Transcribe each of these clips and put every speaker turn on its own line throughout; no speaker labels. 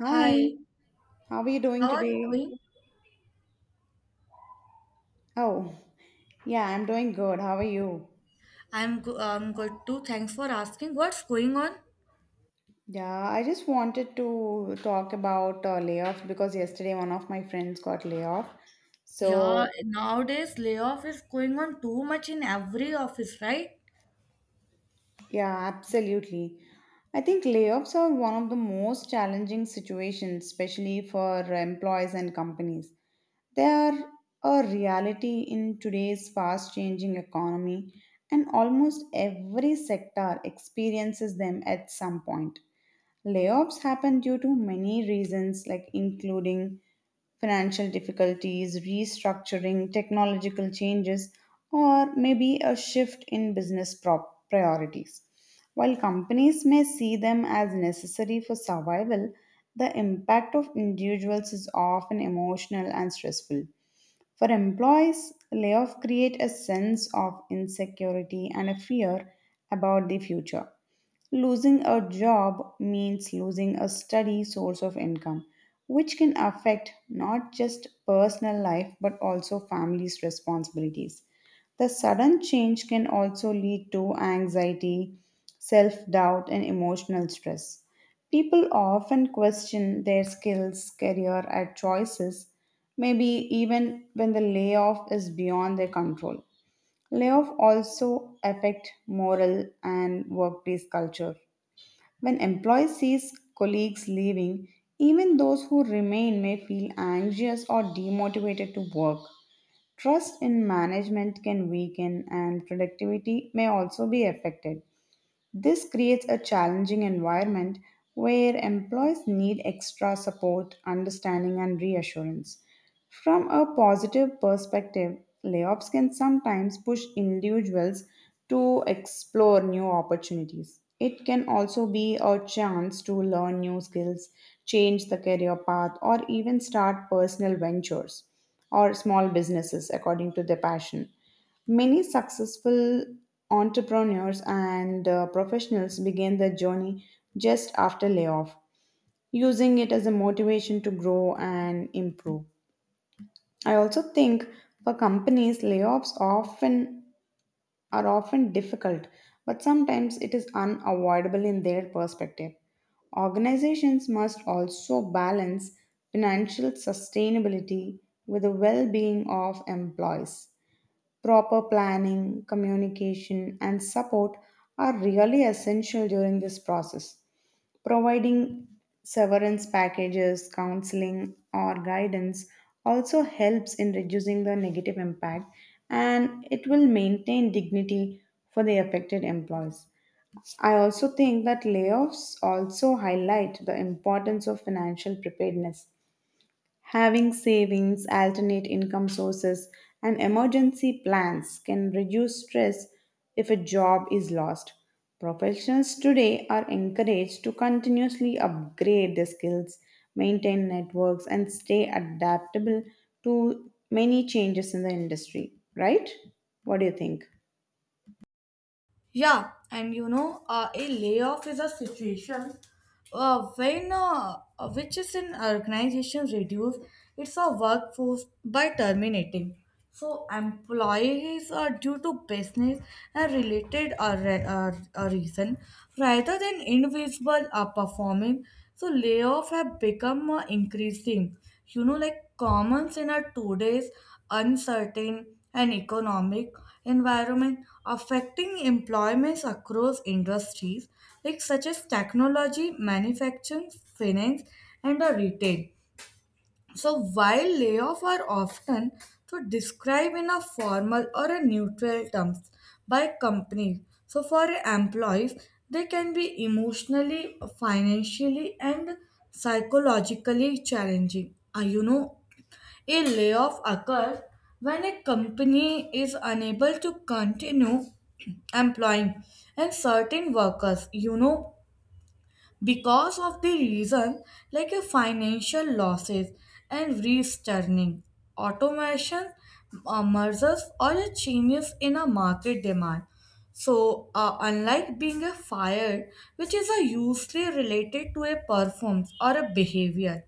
Hi,
Hi,
how are you doing
how are you
today?
doing?
Oh, yeah, I'm doing good. How are you?
I'm good too. Thanks for asking. What's going on?
Yeah, I just wanted to talk about layoffs because yesterday one of my friends got laid off.
Yeah,
So
nowadays layoff is going on too much in every office, right?
yeah, absolutely. I think layoffs are one of the most challenging situations, especially for employees and companies. They are a reality in today's fast changing economy, and almost every sector experiences them at some point. Layoffs happen due to many reasons, like including financial difficulties, restructuring, technological changes, or maybe a shift in priorities. While companies may see them as necessary for survival, the impact of individuals is often emotional and stressful. For employees, layoffs create a sense of insecurity and a fear about the future. Losing a job means losing a steady source of income, which can affect not just personal life but also family's responsibilities. The sudden change can also lead to anxiety, self doubt, and emotional stress. People often question their skills, career, and choices, maybe even when the layoff is beyond their control. Layoff also affect moral and workplace culture. When employees see colleagues leaving, even those who remain may feel anxious or demotivated to work. Trust in management can weaken, and productivity may also be affected. This creates a challenging environment where employees need extra support, understanding, and reassurance. From a positive perspective, layoffs can sometimes push individuals to explore new opportunities. It can also be a chance to learn new skills, change the career path, or even start personal ventures or small businesses according to their passion. Many successful entrepreneurs and professionals begin their journey just after layoff, using it as a motivation to grow and improve. I also think for companies, layoffs often are often difficult, but sometimes it is unavoidable in their perspective. Organizations must also balance financial sustainability with the well being of employees. Proper planning, communication, and support are really essential during this process. Providing severance packages, counseling, or guidance also helps in reducing the negative impact and it will maintain dignity for the affected employees. I also think that layoffs also highlight the importance of financial preparedness. Having savings, alternate income sources, and emergency plans can reduce stress if a job is lost. Professionals today are encouraged to continuously upgrade their skills, maintain networks, and stay adaptable to many changes in the industry, right? What do you think?
Yeah, and a layoff is a situation when which is an organization reduce its a workforce by terminating. So employees are due to business and related reason rather than invisible performing. So layoff have become increasing. Like commons in our today's uncertain and economic environment affecting employments across industries like such as technology, manufacturing, finance, and the retail. So while layoffs are often to describe in a formal or a neutral terms by companies, so for employees they can be emotionally, financially, and psychologically challenging. You know, a layoff occurs when a company is unable to continue employing and certain workers, you know, because of the reason like a financial losses and restructuring, automation, mergers, or a changes in a market demand. So, unlike being a fire, which is a usually related to a performance or a behavior,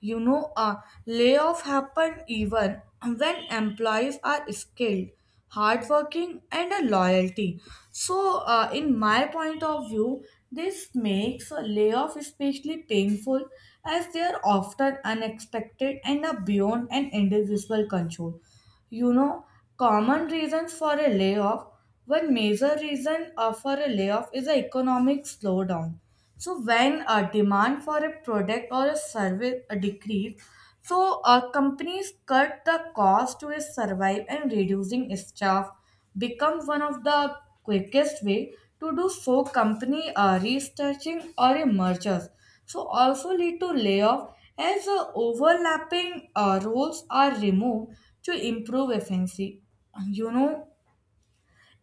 you know, a layoff happen even when employees are skilled, hardworking, and a loyalty. So, in my point of view, this makes a layoff especially painful as they are often unexpected and are beyond an individual control. You know, common reasons for a layoff. One major reason for a layoff is the economic slowdown. So when a demand for a product or a service decrease, so companies cut the cost to survive and reducing staff become one of the quickest way to do so company restructuring or a mergers so also lead to layoff as the overlapping roles are removed to improve efficiency. You know,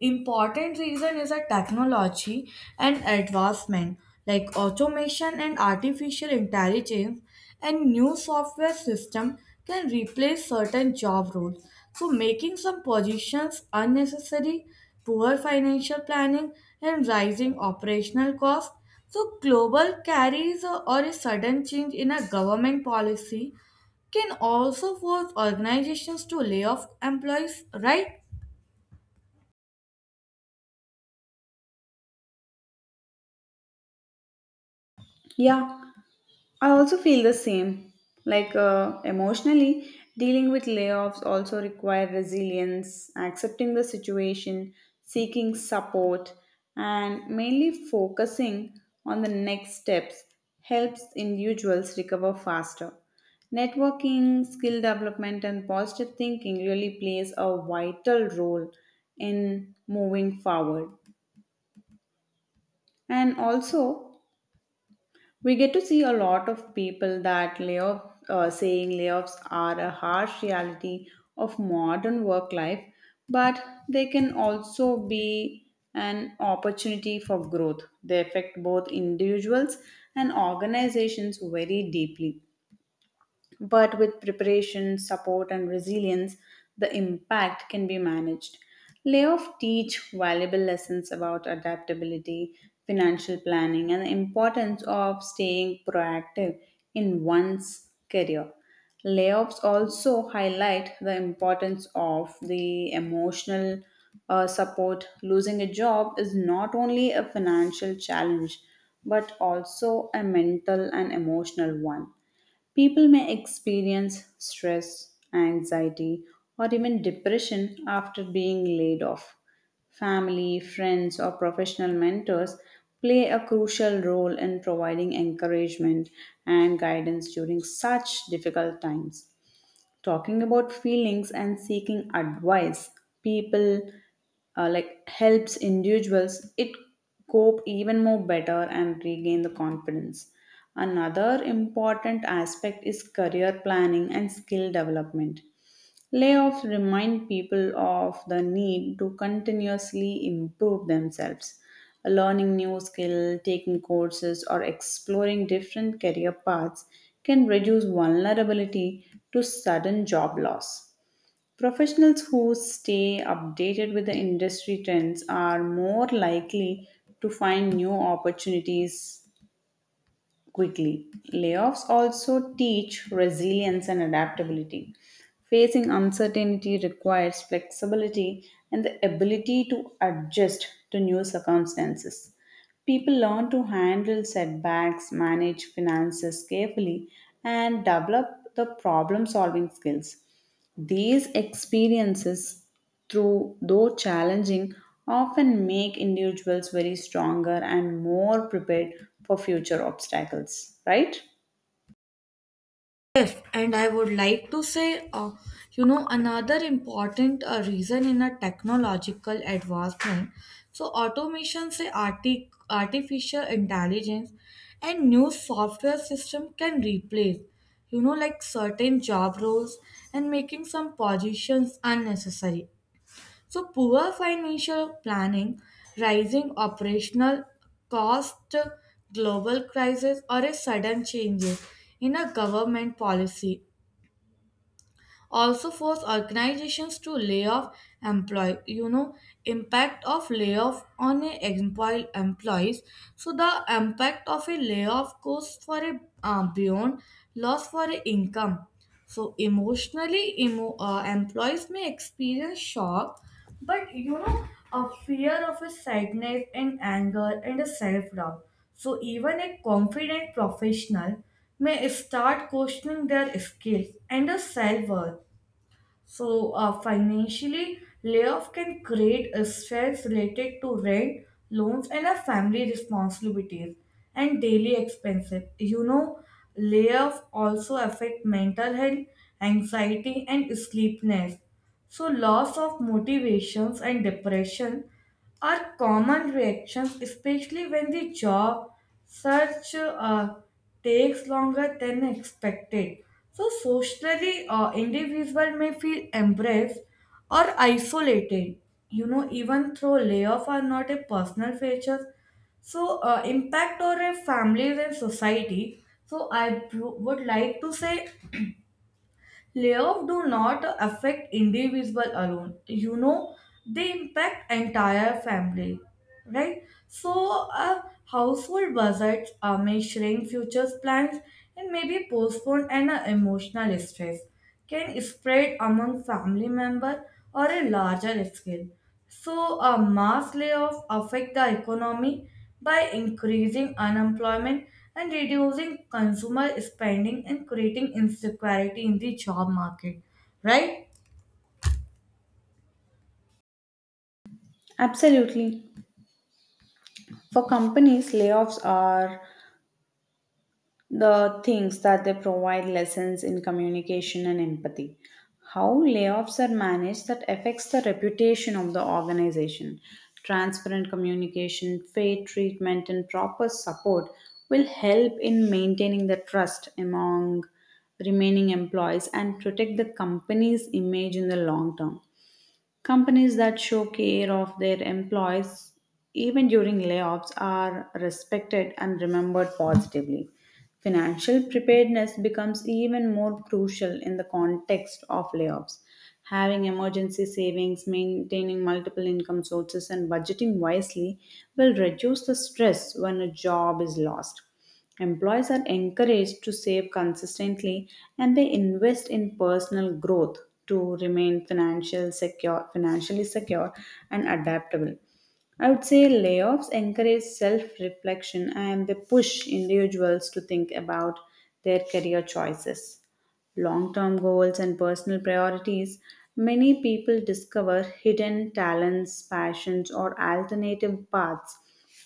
important reason is a technology and advancement like automation and artificial intelligence and new software system can replace certain job roles. So making some positions unnecessary, poor financial planning and rising operational costs. So global carries or a sudden change in a government policy can also force organizations to lay off employees, right?
Yeah, I also feel the same. Like emotionally, dealing with layoffs also require resilience, accepting the situation, seeking support, and mainly focusing on the next steps helps individuals recover faster. Networking, skill development, and positive thinking really plays a vital role in moving forward. And also, we get to see a lot of people that layoff, saying layoffs are a harsh reality of modern work life, but they can also be an opportunity for growth. They affect both individuals and organizations very deeply. But with preparation, support, and resilience, the impact can be managed. Layoff teach valuable lessons about adaptability, financial planning, and the importance of staying proactive in one's career. Layoffs also highlight the importance of the emotional support. Losing a job is not only a financial challenge, but also a mental and emotional one. People may experience stress, anxiety, or even depression after being laid off. Family, friends, or professional mentors play a crucial role in providing encouragement and guidance during such difficult times, talking about feelings and seeking advice people like helps individuals it cope even more better and regain the confidence. Another important aspect is career planning and skill development. Layoffs remind people of the need to continuously improve themselves. Learning new skill, taking courses, or exploring different career paths can reduce vulnerability to sudden job loss. Professionals who stay updated with the industry trends are more likely to find new opportunities quickly. Layoffs also teach resilience and adaptability. Facing uncertainty requires flexibility and the ability to adjust to new circumstances. People learn to handle setbacks, manage finances carefully, and develop the problem solving skills. These experiences, through though challenging, often make individuals very stronger and more prepared for future obstacles, right?
Yes, and I would like to say, you know, another important reason in a technological advancement. So automation, artificial intelligence, and new software system can replace, you know, like certain job roles and making some positions unnecessary. So poor financial planning, rising operational cost, global crisis, or a sudden changes in a government policy also force organizations to lay off employee. You know, impact of layoff on a employees. So the impact of a layoff goes for a beyond loss for a income. So emotionally, employees may experience shock. But you know, a fear of a sadness and anger and a self-doubt, so even a confident professional may start questioning their skills and their self-worth. So, financially, layoff can create a stress related to rent, loans, and our family responsibilities and daily expenses. You know, layoff also affect mental health, anxiety, and sleepiness. So, loss of motivations and depression are common reactions, especially when the job search takes longer than expected. So socially, individual may feel embraced or isolated. You know, even though layoff are not a personal feature, so impact or a families and society. So, would like to say, layoffs do not affect individual alone. You know, they impact entire family, right? So, household budgets may shrink, future plans and maybe be postponed, and emotional stress can spread among family members or a larger scale. So a mass layoff affect the economy by increasing unemployment and reducing consumer spending and creating insecurity in the job market, right?
Absolutely. For companies, layoffs are the things that they provide lessons in communication and empathy. How layoffs are managed that affects the reputation of the organization. Transparent communication, fair treatment, and proper support will help in maintaining the trust among remaining employees and protect the company's image in the long term. Companies that show care of their employees even during layoffs are respected and remembered positively. Financial preparedness becomes even more crucial in the context of layoffs. Having emergency savings, maintaining multiple income sources, and budgeting wisely will reduce the stress when a job is lost. Employees are encouraged to save consistently and they invest in personal growth to remain financially secure and adaptable. I would say layoffs encourage self reflection and they push individuals to think about their career choices, long term goals, and personal priorities. Many people discover hidden talents, passions, or alternative paths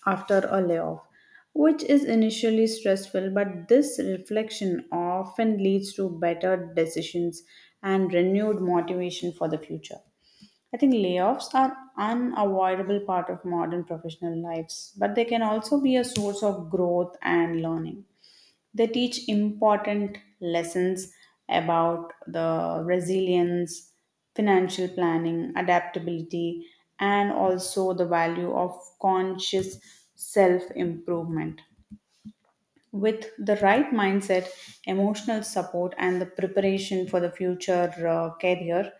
after a layoff, which is initially stressful, but this reflection often leads to better decisions and renewed motivation for the future. I think layoffs are unavoidable part of modern professional lives, but they can also be a source of growth and learning. They teach important lessons about the resilience, financial planning, adaptability, and also the value of conscious self improvement. With the right mindset, emotional support, and the preparation for the future career,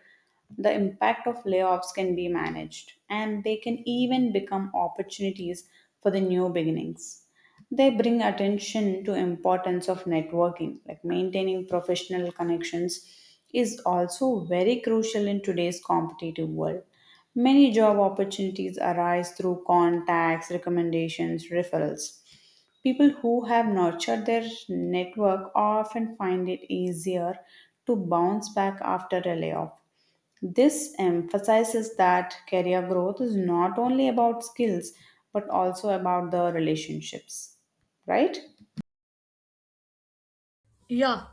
the impact of layoffs can be managed and they can even become opportunities for the new beginnings. They bring attention to importance of networking, like maintaining professional connections is also very crucial in today's competitive world. Many job opportunities arise through contacts, recommendations, referrals. People who have nurtured their network often find it easier to bounce back after a layoff. This emphasizes that career growth is not only about skills but also about the relationships, right?
Yeah,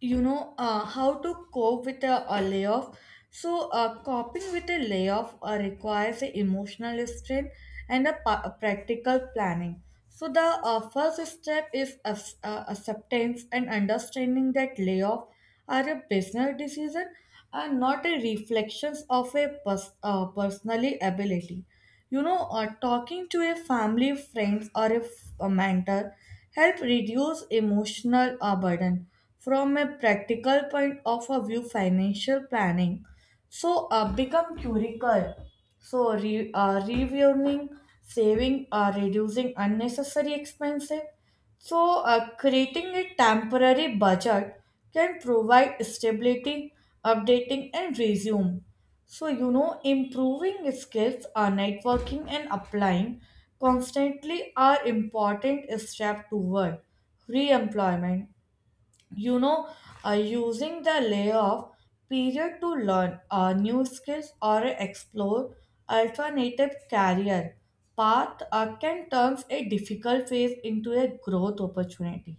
you know, how to cope with a layoff. So coping with a layoff requires a emotional strength and a practical planning. So the first step is acceptance and understanding that layoff are a business decision and not a reflections of a personally ability. You know, talking to a family friends or a mentor help reduce emotional burden. From a practical point of view financial planning so become curical. So reviewing, saving, reducing unnecessary expenses. So creating a temporary budget can provide stability, updating and resume. So you know, improving skills, networking and applying constantly are important steps toward re-employment. You know, using the layoff period to learn new skills or explore alternative career path can turn a difficult phase into a growth opportunity.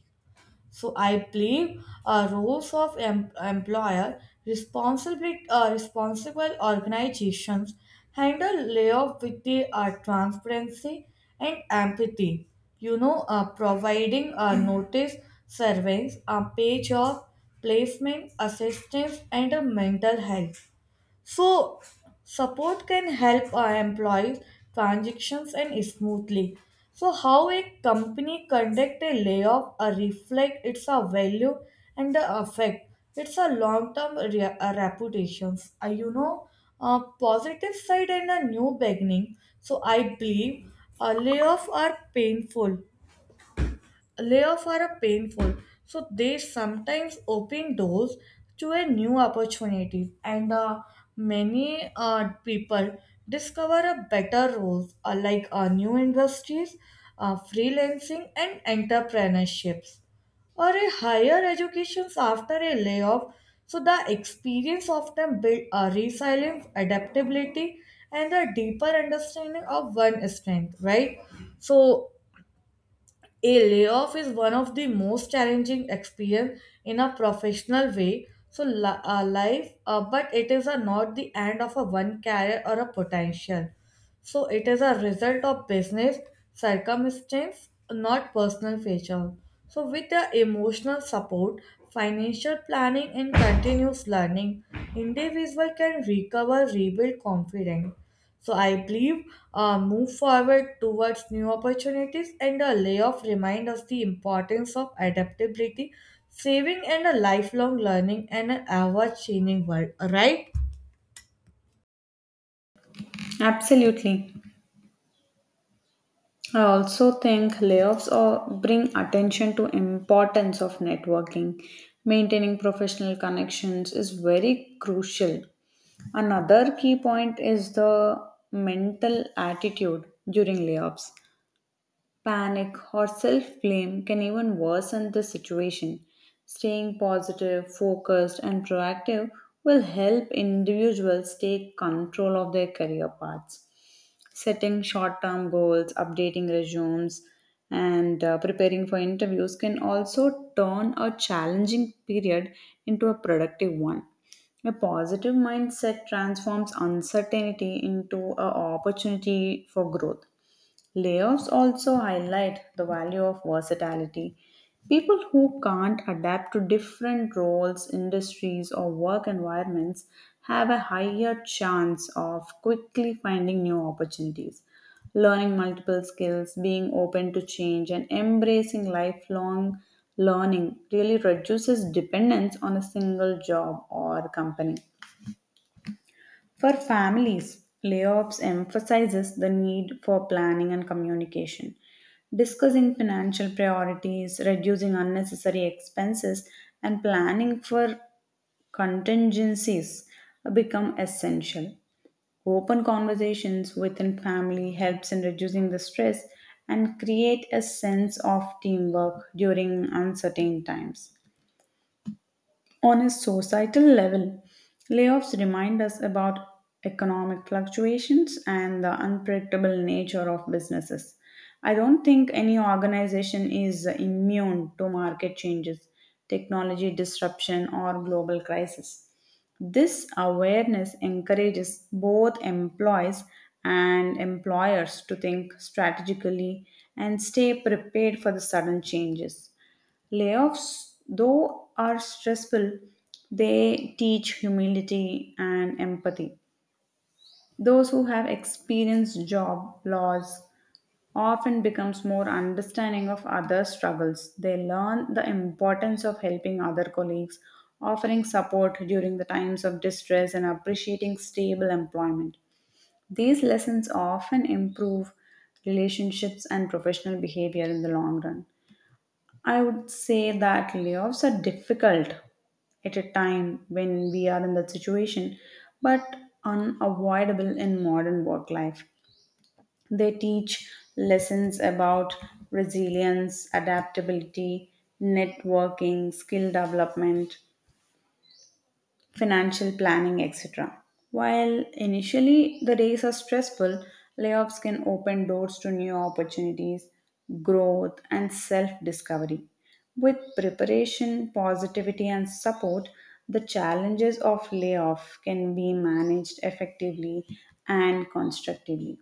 So I believe roles of employer, responsible organizations handle layoff with the transparency and empathy. You know, providing a notice, surveys, a pay job, placement, assistance, and a mental health. So support can help our employees transactions and smoothly. So how a company conduct a layoff or reflect its a value and the effect. It's a long-term reputations. You know, positive side and a new beginning. So I believe a layoff are painful layoff are a painful, so they sometimes open doors to a new opportunities and many people discover a better roles like new industries, freelancing and entrepreneurships or a higher educations after a layoff. So the experience of them build a resilience, adaptability, and a deeper understanding of one strength, right? So a layoff is one of the most challenging experience in a professional way. So life, but it is not the end of a one career or a potential. So it is a result of business circumstance, not personal feature. So with the emotional support, financial planning and continuous learning, individual can recover, rebuild confidence. So I believe move forward towards new opportunities and a layoff remind us the importance of adaptability, saving and a lifelong learning and an ever changing world, right?
Absolutely. I also think layoffs or bring attention to importance of networking. Maintaining professional connections is very crucial. Another key point is the mental attitude during layoffs. Panic or self blame can even worsen the situation. Staying positive, focused, and proactive will help individuals take control of their career paths. Setting short term goals, updating resumes, and preparing for interviews can also turn a challenging period into a productive one. A positive mindset transforms uncertainty into an opportunity for growth. Layoffs also highlight the value of versatility. People who can't adapt to different roles, industries, or work environments have a higher chance of quickly finding new opportunities. Learning multiple skills, being open to change, and embracing lifelong learning really reduces dependence on a single job or company. For families, layoffs emphasizes the need for planning and communication. Discussing financial priorities, reducing unnecessary expenses, and planning for contingencies become essential. Open conversations within family helps in reducing the stress and create a sense of teamwork during uncertain times. On a societal level, layoffs remind us about economic fluctuations and the unpredictable nature of businesses. I don't think any organization is immune to market changes, technology disruption, or global crisis. This awareness encourages both employees and employers to think strategically and stay prepared for the sudden changes. Layoffs, though, are stressful. They teach humility and empathy. Those who have experienced job loss often becomes more understanding of other struggles. They learn the importance of helping other colleagues, offering support during the times of distress and appreciating stable employment. These lessons often improve relationships and professional behavior in the long run. I would say that layoffs are difficult at a time when we are in that situation, but unavoidable in modern work life. They teach lessons about resilience, adaptability, networking, skill development, financial planning, etc. While initially the days are stressful, layoffs can open doors to new opportunities, growth, and self discovery. With preparation, positivity, and support, the challenges of layoff can be managed effectively and constructively.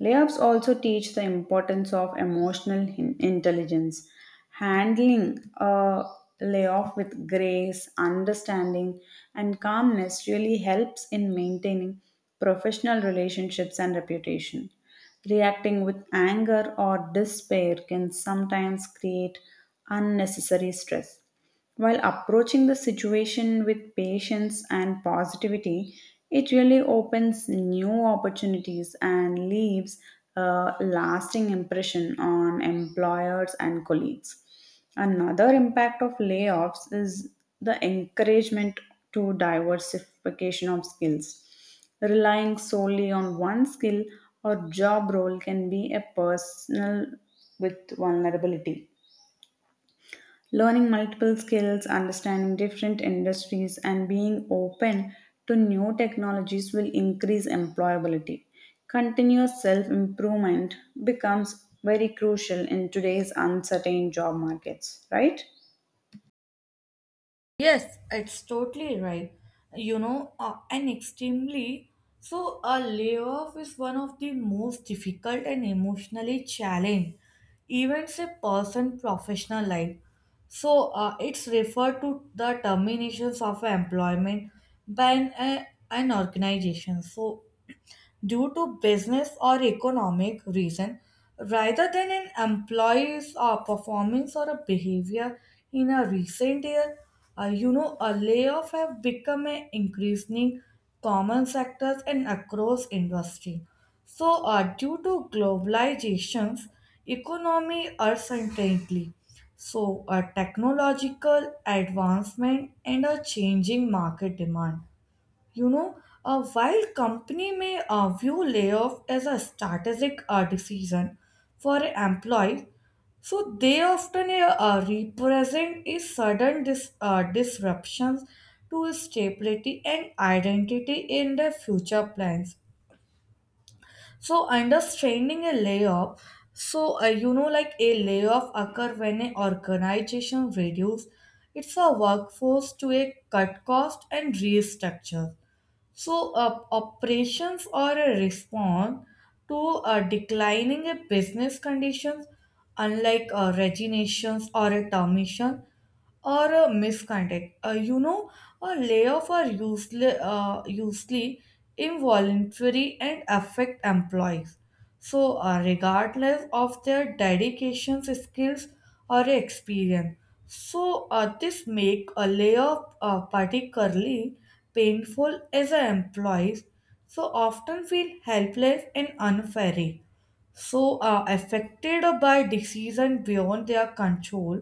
Layoffs also teach the importance of intelligence, handling a layoff with grace, understanding, and calmness really helps in maintaining professional relationships and reputation. Reacting with anger or despair can sometimes create unnecessary stress. While approaching the situation with patience and positivity, it really opens new opportunities and leaves a lasting impression on employers and colleagues. Another impact of layoffs is the encouragement to diversification of skills. Relying solely on one skill or job role can be a personal with vulnerability. Learning multiple skills, understanding different industries, and being open to new technologies will increase employability. Continuous self improvement becomes very crucial in today's uncertain job markets, right?
Yes, it's totally right. You know, and extremely, so a layoff is one of the most difficult and emotionally challenging events a person professional life. So it's referred to the terminations of employment by an organization. So due to business or economic reason rather than an employee's performance or a behavior in a recent year. You know, a layoff have become an increasingly common sectors and across industry, so due to globalization's economy uncertainty, so a technological advancement and a changing market demand. You know, while company may view layoff as a strategic decision for employees, so they often represent a sudden disruptions to stability and identity in their future plans. So understanding a layoff, so you know like a layoff occur when an organization reduce its a workforce to a cut cost and restructure. So, operations are a response to declining a business conditions, unlike resignations or a termination or a misconduct. You know, a layoff are usually involuntary and affect employees. So, regardless of their dedications, skills, or experience. So, this make a layoff particularly painful as our employees so often feel helpless and unfairly, so affected by decision beyond their control.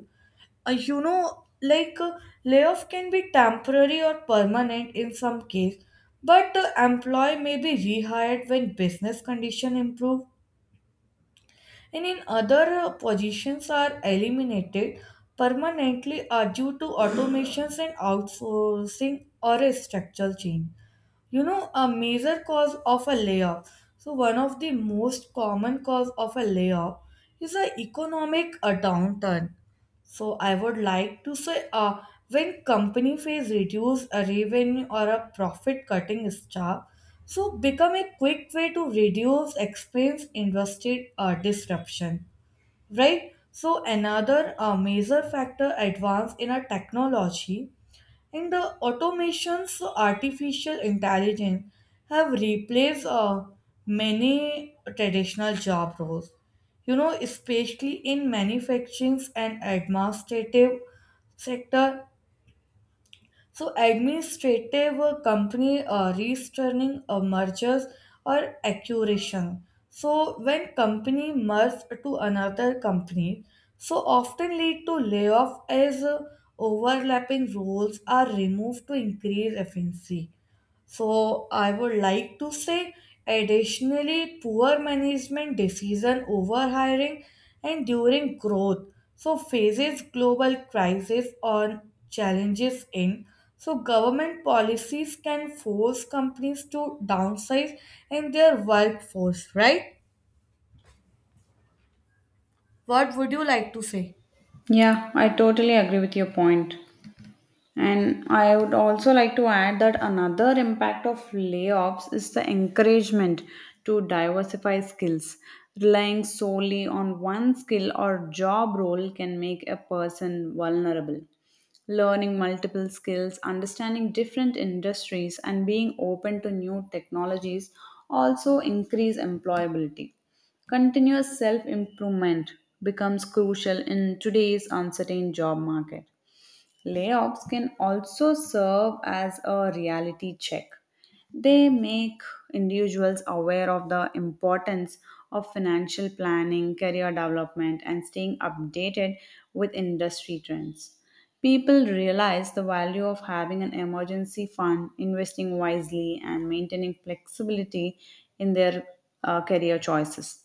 You know, layoff can be temporary or permanent in some case, but the employee may be rehired when business condition improve, and in other positions are eliminated permanently are due to automations and outsourcing or a structural change. You know, a major cause of a layoff, so one of the most common cause of a layoff is an economic downturn. So I would like to say, when company face reduce a revenue or a profit, cutting staff so become a quick way to reduce expense invested disruption, right? So another major factor advance in a technology and the automations, so artificial intelligence, have replaced many traditional job roles. You know, especially in manufacturing and administrative sector, so administrative company restructuring mergers or acquisition. So when company merge to another company, so often lead to layoff as overlapping roles are removed to increase efficiency. So I would like to say additionally poor management decision over hiring, and during growth so faces global crisis or challenges in so government policies can force companies to downsize in their workforce, right? What would you like to say?
Yeah, I totally agree with your point. And I would also like to add that another impact of layoffs is the encouragement to diversify skills. Relying solely on one skill or job role can make a person vulnerable. Learning multiple skills, understanding different industries, and being open to new technologies also increase employability. Continuous self improvement becomes crucial in today's uncertain job market. Layoffs can also serve as a reality check. They make individuals aware of the importance of financial planning, career development, and staying updated with industry trends. People realize the value of having an emergency fund, investing wisely, and maintaining flexibility in their career choices.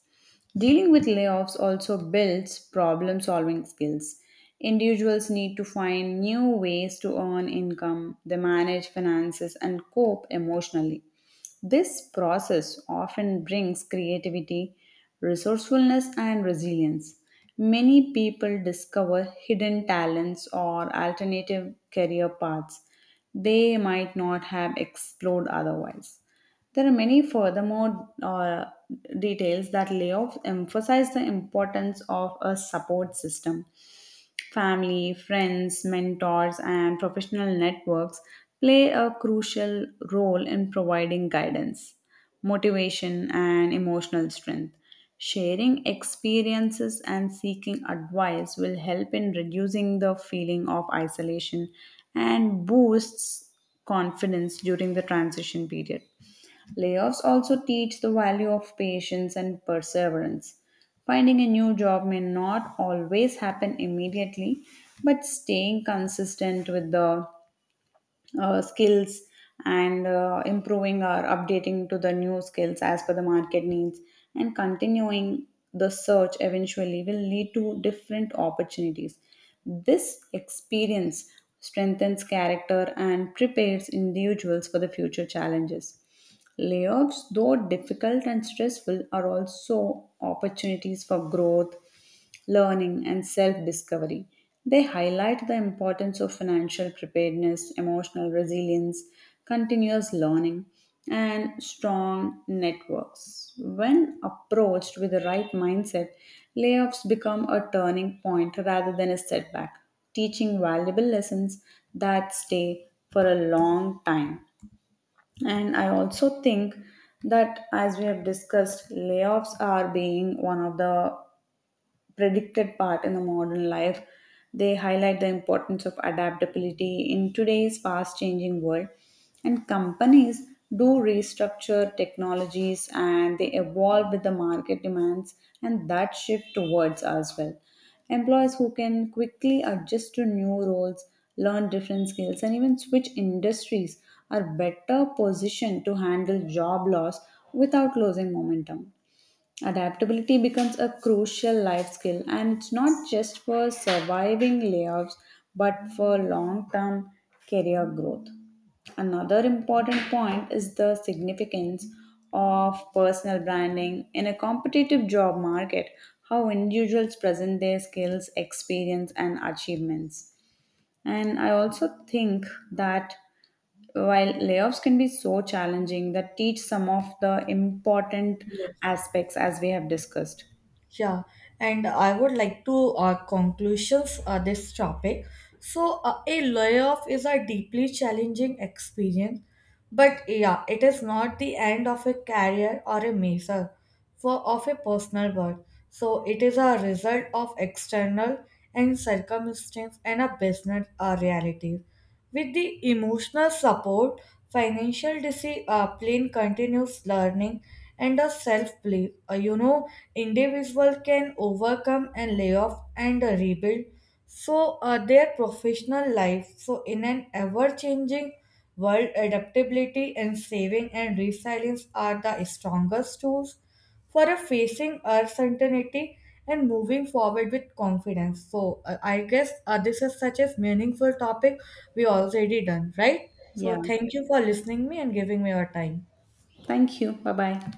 Dealing with layoffs also builds problem solving skills. Individuals need to find new ways to earn income, they manage finances, and cope emotionally. This process often brings creativity, resourcefulness, and resilience. Many people discover hidden talents or alternative career paths they might not have explored otherwise. There are many furthermore details that layoffs emphasize the importance of a support system. Family, friends, mentors, and professional networks play a crucial role in providing guidance, motivation, and emotional strength. Sharing experiences and seeking advice will help in reducing the feeling of isolation and boosts confidence during the transition period. Layoffs also teach the value of patience and perseverance. Finding a new job may not always happen immediately, but staying consistent with the skills and improving or updating to the new skills as per the market needs and continuing the search eventually will lead to different opportunities. This experience strengthens character and prepares individuals for the future challenges. Layoffs, though difficult and stressful, are also opportunities for growth, learning, and self discovery. They highlight the importance of financial preparedness, emotional resilience, continuous learning, and strong networks. When approached with the right mindset, layoffs become a turning point rather than a setback, teaching valuable lessons that stay for a long time. And I also think that, as we have discussed, layoffs are being one of the predicted part in the modern life. They highlight the importance of adaptability in today's fast changing world. And companies do restructure technologies and they evolve with the market demands, and that shift towards as well. Employees who can quickly adjust to new roles, learn different skills, and even switch industries are better positioned to handle job loss without losing momentum. Adaptability becomes a crucial life skill, and it's not just for surviving layoffs but for long term career growth. Another important point is the significance of personal branding in a competitive job market, how individuals present their skills, experience, and achievements. And I also think that while layoffs can be so challenging, that teach some of the important aspects as we have discussed.
Yeah, and I would like to conclusions this topic. So a layoff is a deeply challenging experience, but yeah, it is not the end of a career or a measure for of a personal worth. So it is a result of external and circumstance and a business reality. With the emotional support, financial discipline, continuous learning, and a self-belief, you know, individual can overcome and lay off and rebuild so their professional life. So in an ever-changing world, adaptability and saving and resilience are the strongest tools for a facing uncertainty and moving forward with confidence. So I guess this is such a meaningful topic we already done, right? So
Yeah.
thank you for listening me and giving me your time.
Thank you. Bye bye.